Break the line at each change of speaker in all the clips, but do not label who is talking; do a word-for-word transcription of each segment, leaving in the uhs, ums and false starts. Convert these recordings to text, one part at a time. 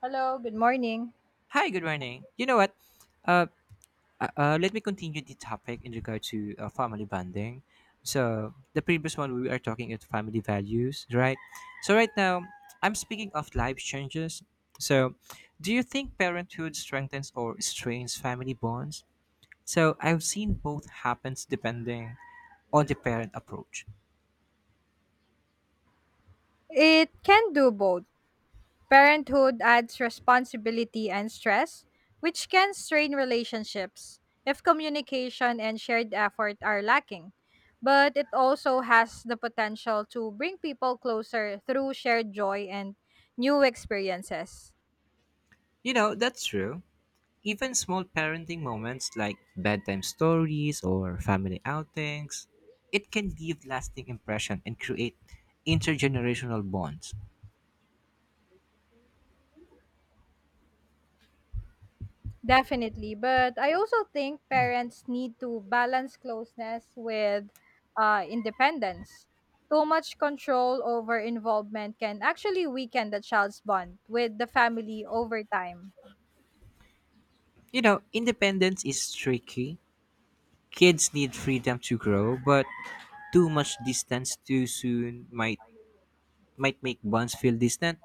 Hello, good morning.
Hi, good morning. You know what? Uh, uh, uh, Let me continue the topic in regard to uh, family bonding. So the previous one we are talking about family values, right? So right now I'm speaking of life changes. So, do you think parenthood strengthens or strains family bonds? So I've seen both happens depending on the parent approach.
It can do both. Parenthood adds responsibility and stress, which can strain relationships if communication and shared effort are lacking. But it also has the potential to bring people closer through shared joy and new experiences.
You know that's true. Even small parenting moments like bedtime stories or family outings, it can leave lasting impression and create intergenerational bonds.
Definitely. But I also think parents need to balance closeness with uh, independence. Too much control over involvement can actually weaken the child's bond with the family over time.
You know, independence is tricky. Kids need freedom to grow, but too much distance too soon might might make bonds feel distant.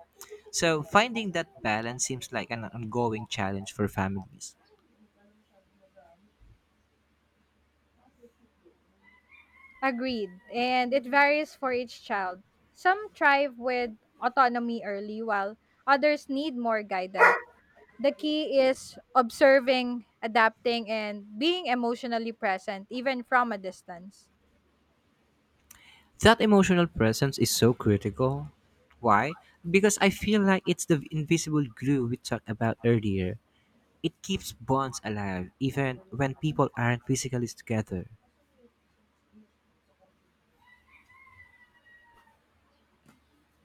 So finding that balance seems like an ongoing challenge for families.
Agreed. And it varies for each child. Some thrive with autonomy early, while others need more guidance. The key is observing, adapting, and being emotionally present, even from a distance.
That emotional presence is so critical. Why? Because I feel like it's the invisible glue we talked about earlier. It keeps bonds alive even when people aren't physically together.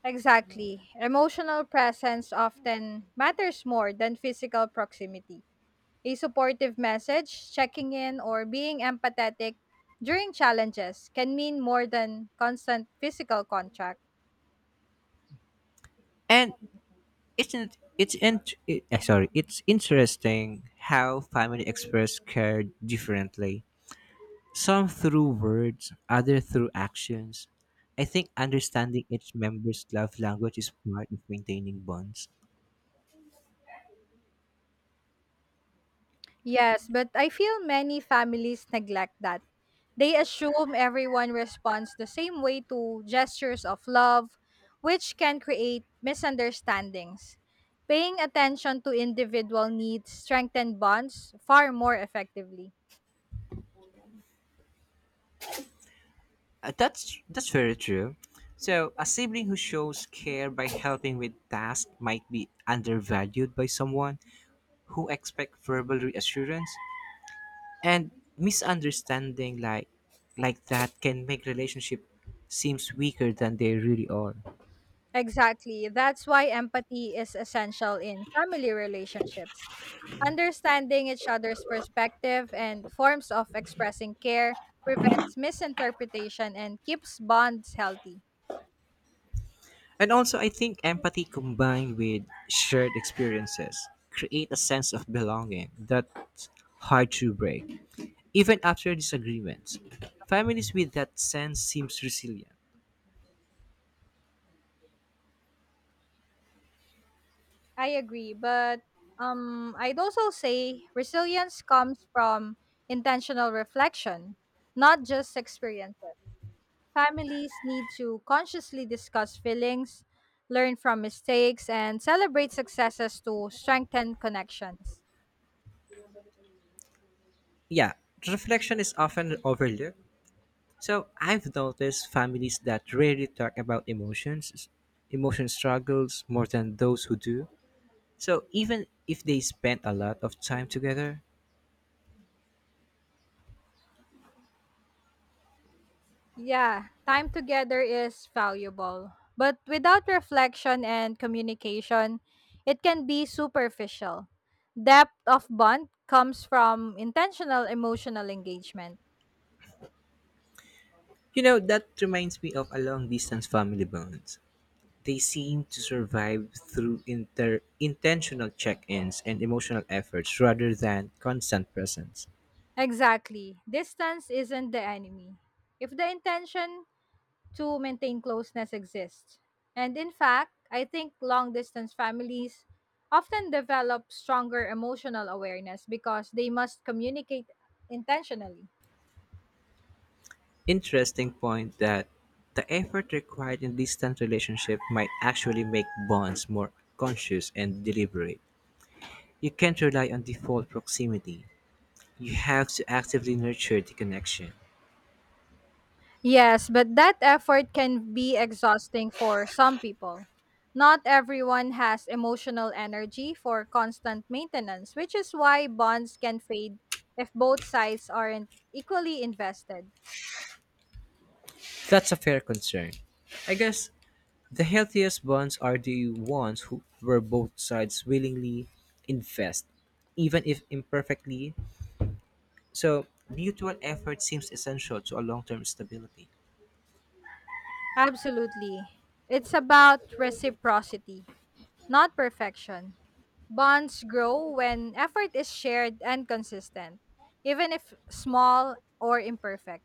Exactly. Emotional presence often matters more than physical proximity. A supportive message, checking in, or being empathetic during challenges can mean more than constant physical contact.
And isn't it's in, it, eh, sorry, it's interesting how family express care differently. Some through words, other through actions. I think understanding each member's love language is part of maintaining bonds.
Yes, but I feel many families neglect that. They assume everyone responds the same way to gestures of love, which can create misunderstandings. Paying attention to individual needs strengthen bonds far more effectively.
Uh, that's that's very true. So, a sibling who shows care by helping with tasks might be undervalued by someone who expects verbal reassurance and misunderstanding like like that can make relationship seems weaker than they really are.
Exactly. That's why empathy is essential in family relationships. Understanding each other's perspective and forms of expressing care prevents misinterpretation and keeps bonds healthy.
And also, I think empathy combined with shared experiences create a sense of belonging that's hard to break even after disagreements. Families with that sense seems resilient.
I agree, but um, I'd also say resilience comes from intentional reflection, not just experiences. Families need to consciously discuss feelings, learn from mistakes, and celebrate successes to strengthen connections.
Yeah, reflection is often overlooked. So I've noticed families that rarely talk about emotions, emotion struggles more than those who do. So even if they spend a lot of time together,
Yeah, time together is valuable, but without reflection and communication, it can be superficial. Depth of bond comes from intentional emotional engagement.
you know, that reminds me of a long distance family bonds. They seem to survive through inter- intentional check ins and emotional efforts rather than constant presence.
Exactly. Distance isn't the enemy. If the intention to maintain closeness exists. And in fact, I think long distance families often develop stronger emotional awareness because they must communicate intentionally.
Interesting point that the effort required in distant relationships might actually make bonds more conscious and deliberate. You can't rely on default proximity. You have to actively nurture the connection.
Yes, but that effort can be exhausting for some people. Not everyone has emotional energy for constant maintenance, which is why bonds can fade if both sides aren't equally invested.
That's a fair concern. I guess the healthiest bonds are the ones who where both sides willingly invest, even if imperfectly. So mutual effort seems essential to a long-term stability.
Absolutely. It's about reciprocity, not perfection. Bonds grow when effort is shared and consistent, even if small or imperfect.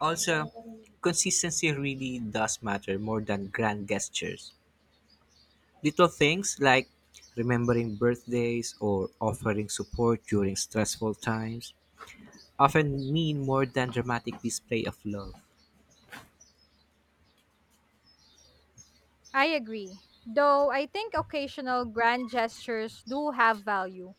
Also, consistency really does matter more than grand gestures. Little things like remembering birthdays or offering support during stressful times often mean more than dramatic display of love.
I agree. Though I think occasional grand gestures do have value.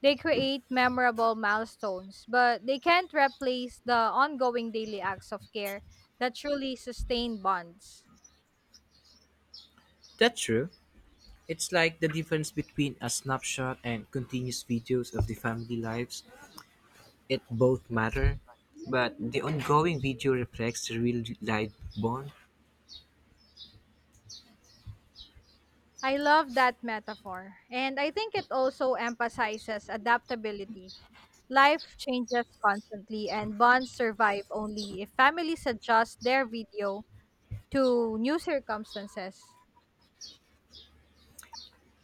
They create memorable milestones, but they can't replace the ongoing daily acts of care that truly sustain bonds.
That's true. It's like the difference between a snapshot and continuous videos of the family lives. It both matter, but the ongoing video reflects the real life bond.
I love that metaphor. And I think it also emphasizes adaptability. Life changes constantly, and bonds survive only if families adjust their video to new circumstances.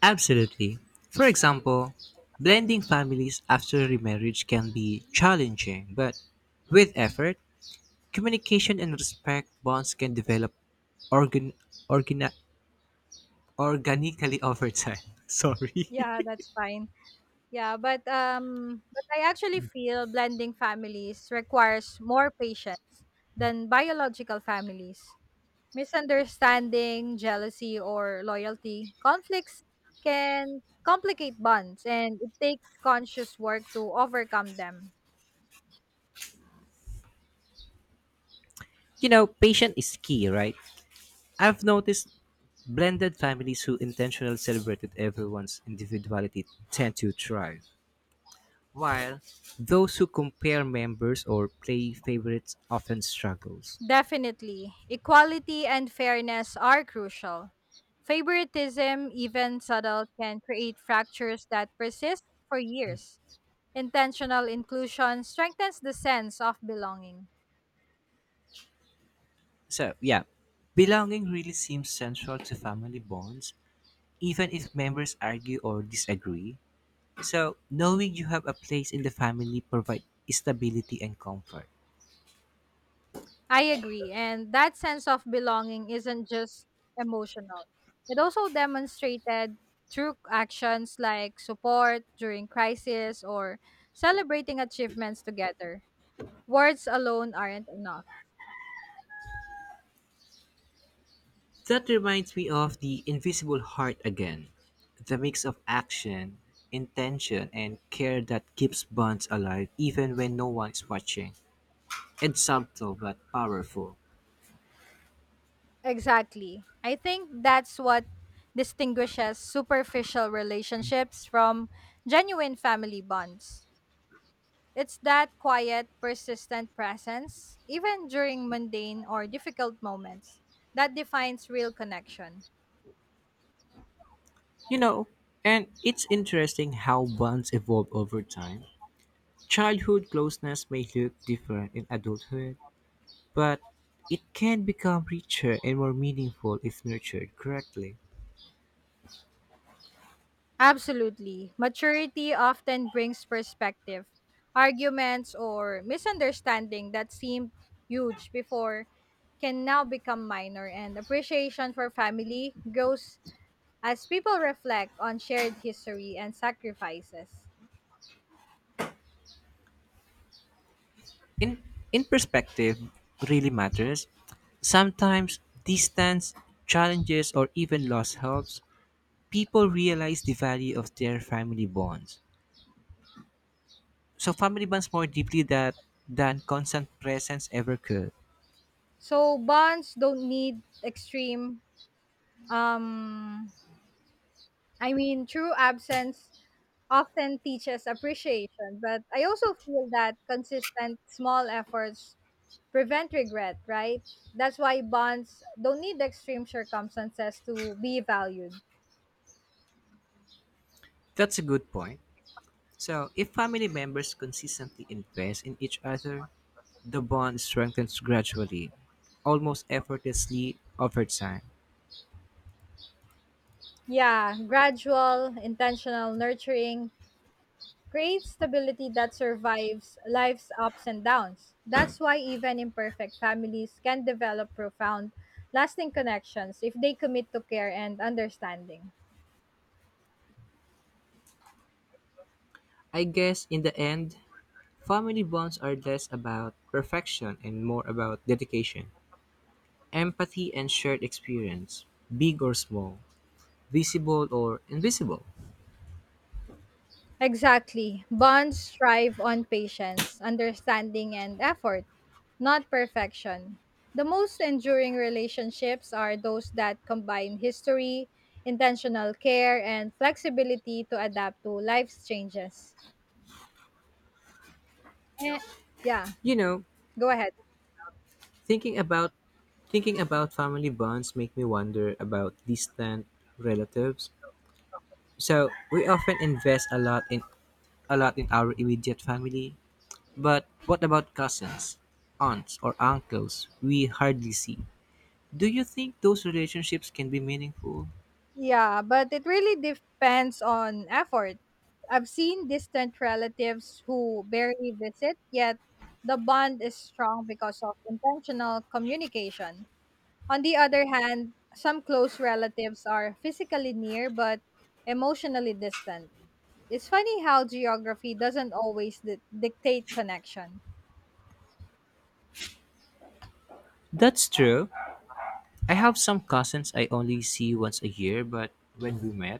Absolutely. For example, blending families after remarriage can be challenging, but with effort, communication and respect bonds can develop organ, organa, organically over time. Sorry.
Yeah, that's fine. Yeah, but um, but I actually feel blending families requires more patience than biological families. Misunderstanding, jealousy, or loyalty, conflicts can complicate bonds and it takes conscious work to overcome them.
You know, patience is key, right? I've noticed blended families who intentionally celebrated everyone's individuality tend to thrive, while those who compare members or play favorites often struggles.
Definitely, equality and fairness are crucial. Favoritism, even subtle, can create fractures that persist for years. Intentional inclusion strengthens the sense of belonging.
So, yeah, belonging really seems central to family bonds, even if members argue or disagree. So, knowing you have a place in the family provides stability and comfort.
I agree. And that sense of belonging isn't just emotional, it also demonstrated through actions like support during crisis or celebrating achievements together. Words alone aren't enough.
That reminds me of the invisible heart again, the mix of action, intention, and care that keeps bonds alive even when no one is watching. It's subtle but powerful.
Exactly. I think that's what distinguishes superficial relationships from genuine family bonds. It's that quiet, persistent presence, even during mundane or difficult moments, that defines real connection.
You know, and it's interesting how bonds evolve over time. Childhood closeness may look different in adulthood, but it can become richer and more meaningful if nurtured correctly.
Absolutely. Maturity often brings perspective. Arguments or misunderstanding that seemed huge before can now become minor, and appreciation for family grows as people reflect on shared history and sacrifices.
In in perspective really matters. Sometimes distance, challenges or even loss helps people realize the value of their family bonds. So family bonds more deeply that than constant presence ever could.
So, bonds don't need extreme um I mean, true absence often teaches appreciation, but I also feel that consistent small efforts prevent regret, right? That's why bonds don't need extreme circumstances to be valued.
That's a good point. So, if family members consistently invest in each other, the bond strengthens gradually, almost effortlessly over time.
Yeah, gradual, intentional nurturing creates stability that survives life's ups and downs. That's why even imperfect families can develop profound, lasting connections if they commit to care and understanding.
I guess in the end, family bonds are less about perfection and more about dedication, empathy, and shared experience, big or small, visible or invisible.
Exactly. Bonds thrive on patience, understanding, and effort, not perfection. The most enduring relationships are those that combine history, intentional care, and flexibility to adapt to life's changes. Eh, yeah,
You know,
go ahead.
thinking about thinking about family bonds make me wonder about distant relatives. So we often invest a lot in a lot in our immediate family. But what about cousins, aunts, or uncles we hardly see? Do you think those relationships can be meaningful?
Yeah, but it really depends on effort. I've seen distant relatives who barely visit, yet the bond is strong because of intentional communication. On the other hand, some close relatives are physically near but emotionally distant. It's funny how geography doesn't always di- dictate connection.
That's true. I have some cousins I only see once a year, but when we met,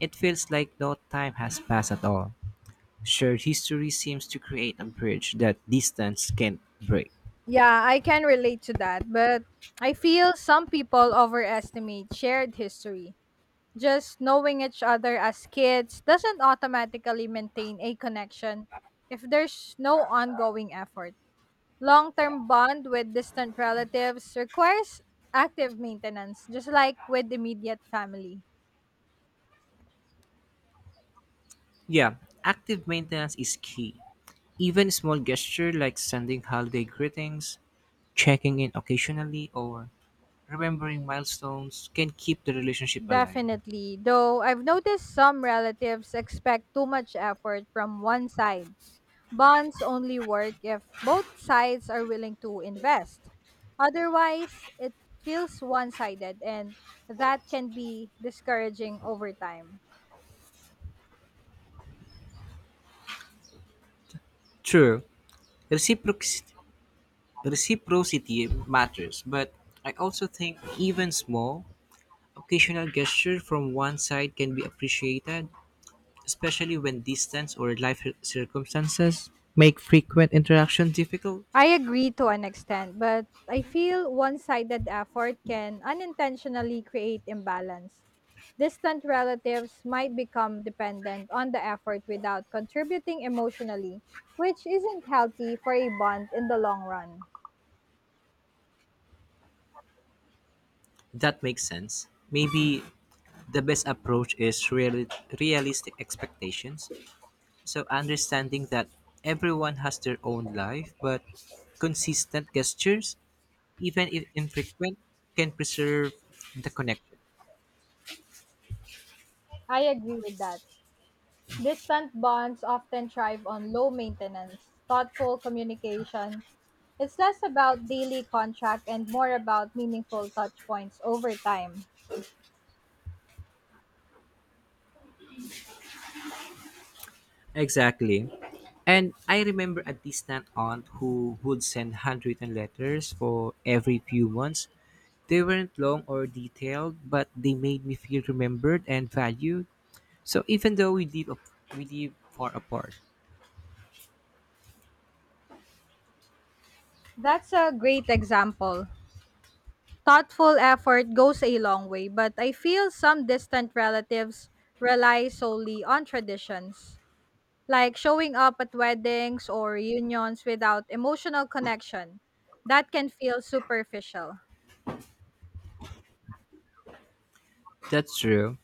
it feels like no time has passed at all. Shared history seems to create a bridge that distance can't break.
Yeah, I can relate to that, but I feel some people overestimate shared history. Just knowing each other as kids doesn't automatically maintain a connection if there's no ongoing effort. Long term bond with distant relatives requires active maintenance, just like with immediate family.
Yeah, active maintenance is key. Even small gesture like sending holiday greetings, checking in occasionally, or remembering milestones can keep the relationship alive.
Definitely, though I've noticed some relatives expect too much effort from one side. Bonds only work if both sides are willing to invest. Otherwise, it feels one sided, and that can be discouraging over time.
True, reciprocity, reciprocity matters, but I also think even small, occasional gestures from one side can be appreciated, especially when distance or life cir- circumstances make frequent interaction difficult.
I agree to an extent, but I feel one sided effort can unintentionally create imbalance. Distant relatives might become dependent on the effort without contributing emotionally, which isn't healthy for a bond in the long run.
That makes sense. Maybe the best approach is reali- realistic expectations. So understanding that everyone has their own life, but consistent gestures, even if infrequent, can preserve the connection.
I agree with that. Distant bonds often thrive on low maintenance, thoughtful communication. It's less about daily contract and more about meaningful touchpoints over time.
Exactly. And I remember a distant aunt who would send handwritten letters for every few months. They weren't long or detailed, but they made me feel remembered and valued. So even though we live ap- we live far apart,
That's a great example. Thoughtful effort goes a long way, but I feel some distant relatives rely solely on traditions, like showing up at weddings or reunions without emotional connection. That can feel superficial.
that's true.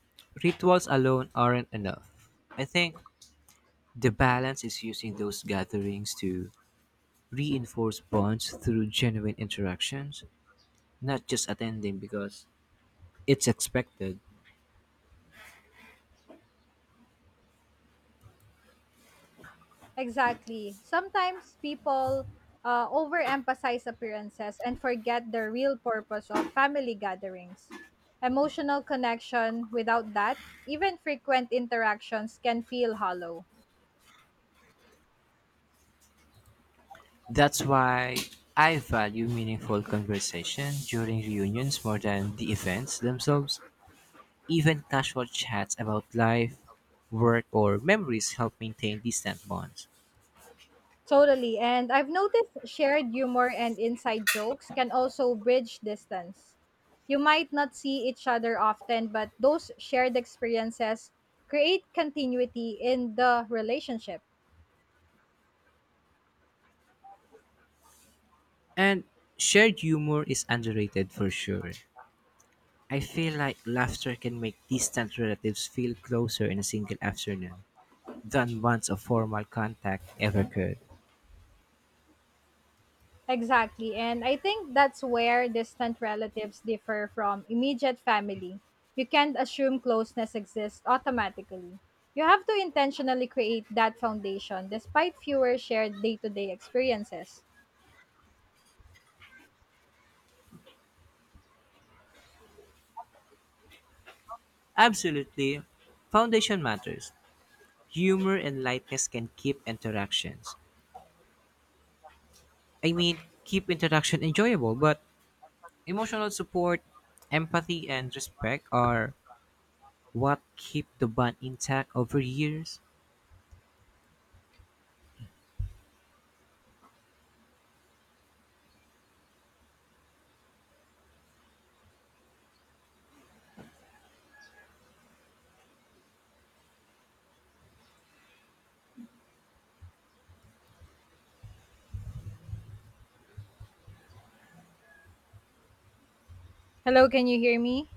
Rituals alone aren't enough. I think the balance is using those gatherings to reinforce bonds through genuine interactions, not just attending because it's expected.
Exactly. Sometimes people uh, overemphasize appearances and forget the real purpose of family gatherings. Emotional connection without that, even frequent interactions can feel hollow.
That's why I value meaningful conversation during reunions more than the events themselves. Even casual chats about life, work, or memories help maintain distant bonds.
Totally. And I've noticed shared humor and inside jokes can also bridge distance. You might not see each other often, but those shared experiences create continuity in the relationship.
And shared humor is underrated for sure. I feel like laughter can make distant relatives feel closer in a single afternoon than once a formal contact ever could.
Exactly. And I think that's where distant relatives differ from immediate family. You can't assume closeness exists automatically. You have to intentionally create that foundation despite fewer shared day to day experiences.
Absolutely. Foundation matters. Humor and lightness can keep interactions. I mean, keep interaction enjoyable, but emotional support, empathy, and respect are what keep the bond intact over years.
Hello, can you hear me?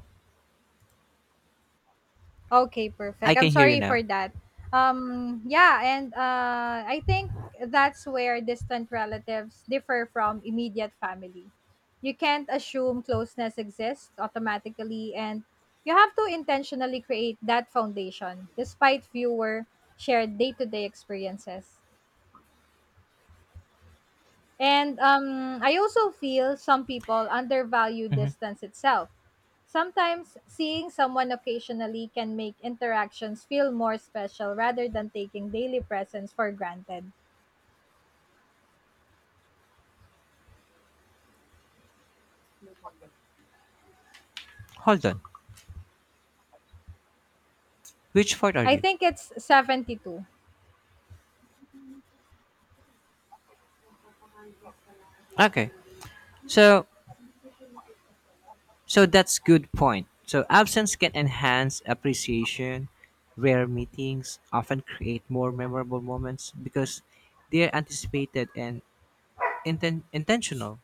Okay,
I
perfect. I'm
can hear you
sorry for
now.
that. Um, yeah, and uh, I think that's where distant relatives differ from immediate family. You can't assume closeness exists automatically, and you have to intentionally create that foundation despite fewer shared day to day experiences. And um, I also feel some people undervalue
Hmm.
distance itself. Sometimes seeing someone occasionally can make interactions feel more special rather than taking daily presence for granted.
Hold on. Which part are
I
you?
think it's seventy two.
Okay. So, So that's good point. So absence can enhance appreciation. Rare meetings often create more memorable moments because they are anticipated and inten- intentional.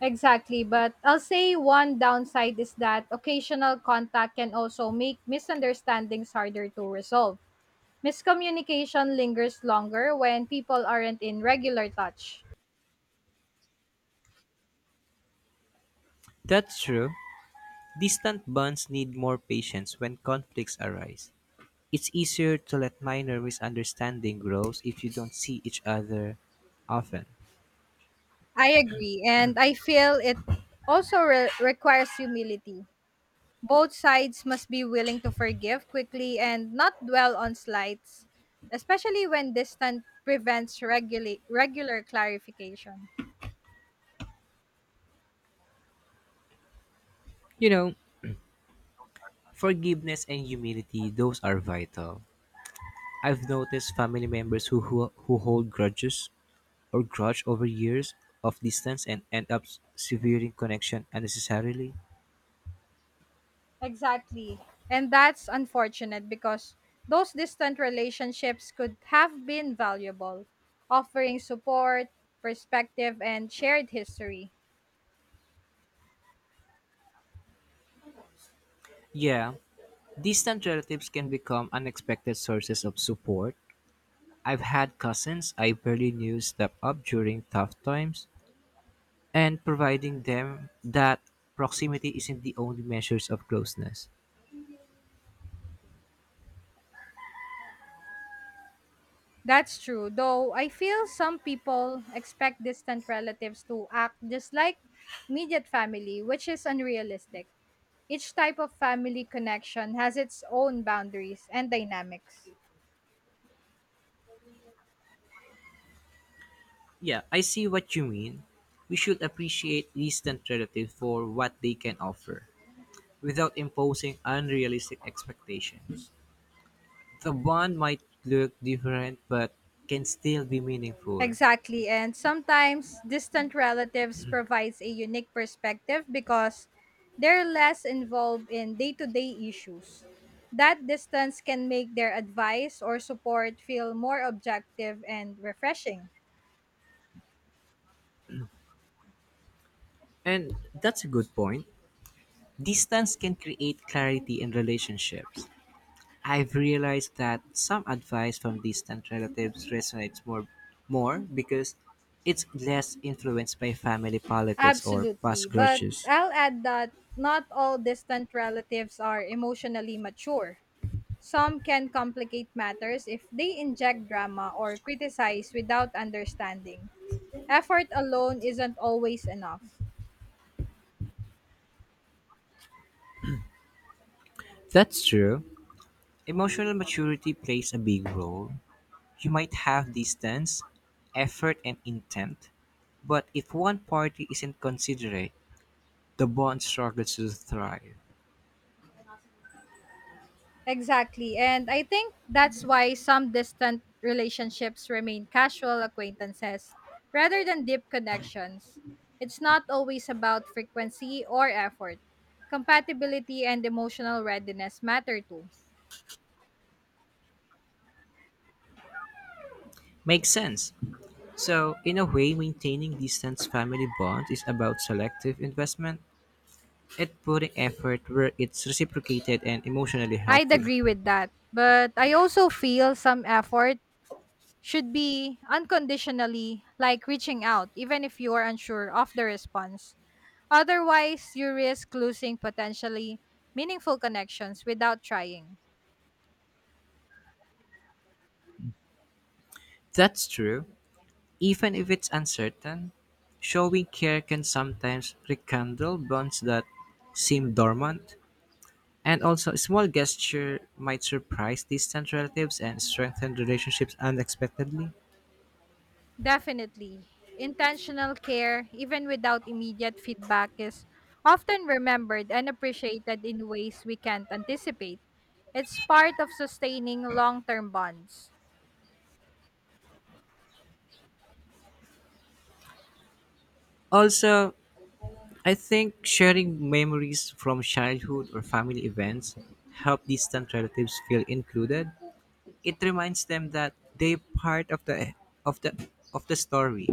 Exactly, but I'll say one downside is that occasional contact can also make misunderstandings harder to resolve. Miscommunication lingers longer when people aren't in regular touch.
That's true. Distant bonds need more patience when conflicts arise. It's easier to let minor misunderstanding grow if you don't see each other often.
I agree. And I feel it also re- requires humility. Both sides must be willing to forgive quickly and not dwell on slights, especially when distance prevents regula- regular clarification.
You know, Forgiveness and humility, those are vital. I've noticed family members who, who, who hold grudges or grudge over years of distance and end up severing connection unnecessarily.
Exactly. And that's unfortunate because those distant relationships could have been valuable, offering support, perspective, and shared history.
Yeah, distant relatives can become unexpected sources of support. I've had cousins I barely knew step up during tough times, and providing them that proximity isn't the only measures of closeness.
That's true, though I feel some people expect distant relatives to act just like immediate family, which is unrealistic. Each type of family connection has its own boundaries and dynamics.
Yeah, I see what you mean. We should appreciate distant relatives for what they can offer without imposing unrealistic expectations. The bond might look different but can still be meaningful.
Exactly, and sometimes distant relatives provides a unique perspective because they're less involved in day-to-day issues. That distance can make their advice or support feel more objective and refreshing.
And that's a good point. Distance can create clarity in relationships. I've realized that some advice from distant relatives resonates more more because it's less influenced by family politics or
Absolutely.
past
But
grudges.
I'll add that not all distant relatives are emotionally mature. Some can complicate matters if they inject drama or criticize without understanding. Effort alone isn't always enough.
That's true. Emotional maturity plays a big role. You might have distance, effort, and intent, but if one party isn't considerate, the bond struggles to thrive.
Exactly. And I think that's why some distant relationships remain casual acquaintances rather than deep connections. It's not always about frequency or effort. Compatibility and emotional readiness matter too.
Makes sense. So, in a way, maintaining distant family bond is about selective investment and putting effort where it's reciprocated and emotionally
I'd
healthy.
agree with that. But I also feel some effort should be unconditionally, like reaching out, even if you are unsure of the response. Otherwise, you risk losing potentially meaningful connections without trying.
That's true, even if it's uncertain. Showing care can sometimes rekindle bonds that seem dormant, and also a small gesture might surprise distant relatives and strengthen relationships unexpectedly.
Definitely. Intentional care, even without immediate feedback, is often remembered and appreciated in ways we can't anticipate. It's part of sustaining long term bonds.
Also, I think sharing memories from childhood or family events help distant relatives feel included. It reminds them that they're part of the of the of the story,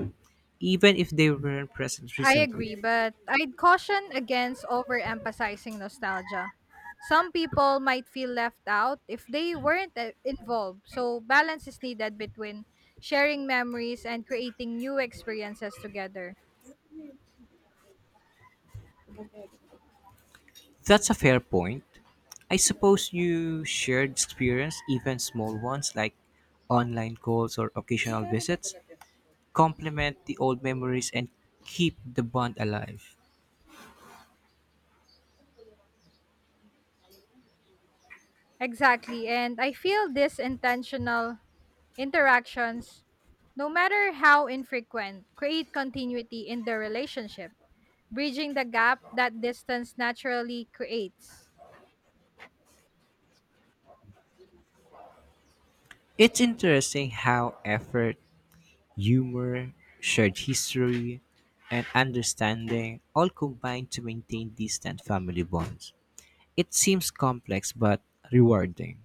even if they weren't present
I agree,
recently.
but I'd caution against overemphasizing nostalgia. Some people might feel left out if they weren't uh, involved, so balance is needed between sharing memories and creating new experiences together.
That's a fair point. I suppose you shared experience, even small ones like online calls or occasional visits, complement the old memories and keep the bond alive.
Exactly, and I feel these intentional interactions, no matter how infrequent, create continuity in the relationship, bridging the gap that distance naturally creates.
It's interesting how effort, humor, shared history, and understanding all combine to maintain distant family bonds. It seems complex but rewarding.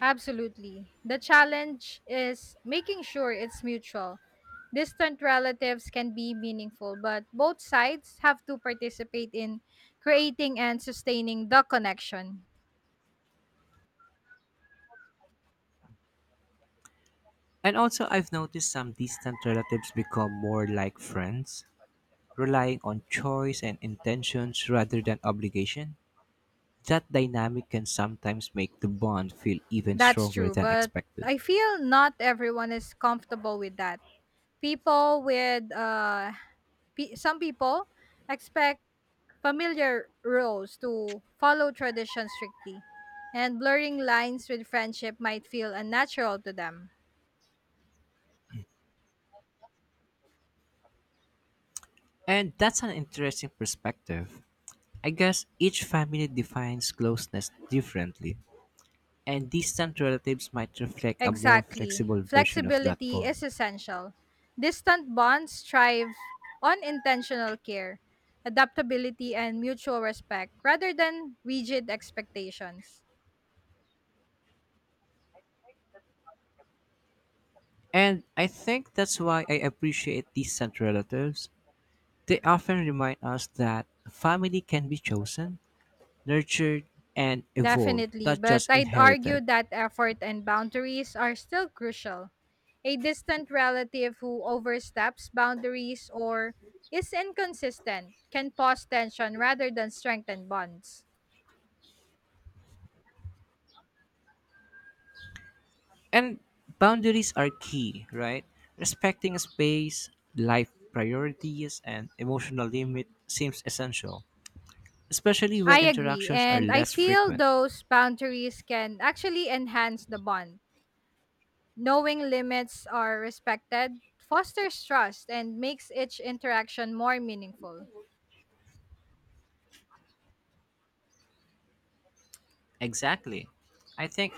Absolutely. The challenge is making sure it's mutual. Distant relatives can be meaningful, but both sides have to participate in creating and sustaining the connection.
And also, I've noticed some distant relatives become more like friends, relying on choice and intentions rather than obligation. That dynamic can sometimes make the bond feel even
That's
stronger
true,
than
but
expected.
I feel not everyone is comfortable with that. People with uh pe- some people expect familiar roles to follow tradition strictly, and blurring lines with friendship might feel unnatural to them.
And that's an interesting perspective. I guess each family defines closeness differently, and distant relatives might reflect a more
Exactly.
flexible version of that
Flexibility
bond.
is essential. Distant bonds thrive on intentional care, adaptability, and mutual respect rather than rigid expectations.
And I think that's why I appreciate distant relatives. They often remind us that family can be chosen, nurtured, and evolved,
Definitely,
not
but
just
I'd
inherited.
argue that effort and boundaries are still crucial. A distant relative who oversteps boundaries or is inconsistent can cause tension rather than strengthen bonds.
And boundaries are key, right? Respecting space, life priorities, and emotional limit seems essential, especially when
I agree.
interactions are
And I
less
feel
frequent.
those boundaries can actually enhance the bond. Knowing limits are respected fosters trust and makes each interaction more meaningful.
Exactly. I think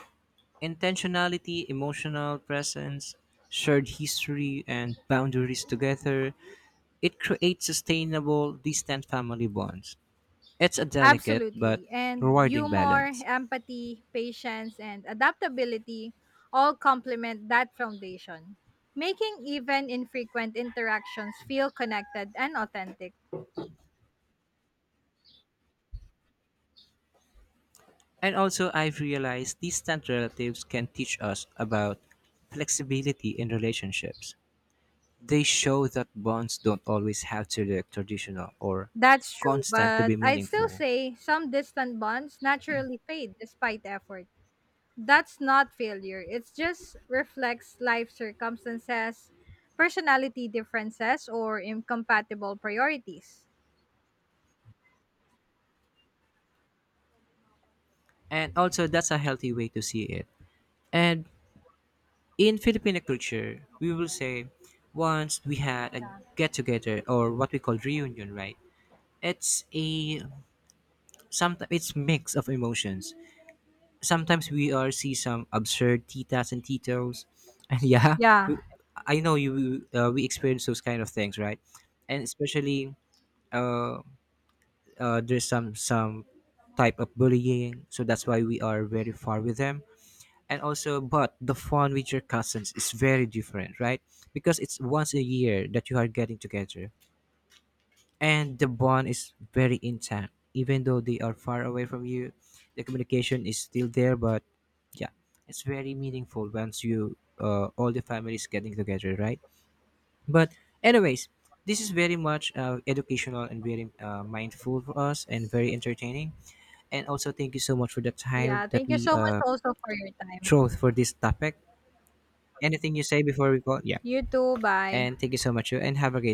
intentionality, emotional presence, shared history, and boundaries together, it creates sustainable, distant family bonds. It's a delicate but
Absolutely. And
rewarding
humor,
balance.
empathy, patience, and adaptability all complement that foundation, making even infrequent interactions feel connected and authentic.
And also, I've realized distant relatives can teach us about flexibility in relationships. They show that bonds don't always have to look traditional or
That's true,
constant to
but
be
I'd still
meaningful.
say some distant bonds naturally fade despite effort. That's not failure. It just reflects life circumstances, personality differences, or incompatible priorities.
And also, that's a healthy way to see it. And in Filipino culture, we will say once we had a get together or what we call reunion, right? It's a sometimes it's mix of emotions. Sometimes we are see some absurd titas and titos, and yeah,
Yeah.
we- I know you, uh, we experience those kind of things, right? And especially uh, uh, there's some some type of bullying, so that's why we are very far with them. And also, but the fun with your cousins is very different, right? Because it's once a year that you are getting together, and the bond is very intact even though they are far away from you. The communication is still there. But yeah, it's very meaningful once you, uh, all the families getting together, right? But anyways, this is very much, uh, educational and very, uh, mindful for us and very entertaining. And also, thank you so much for the time
Yeah,
that
thank you
we,
so much
uh,
also for your time.
chose for this topic. Anything you say before we go? Yeah.
You too. Bye.
And thank you so much, and have a great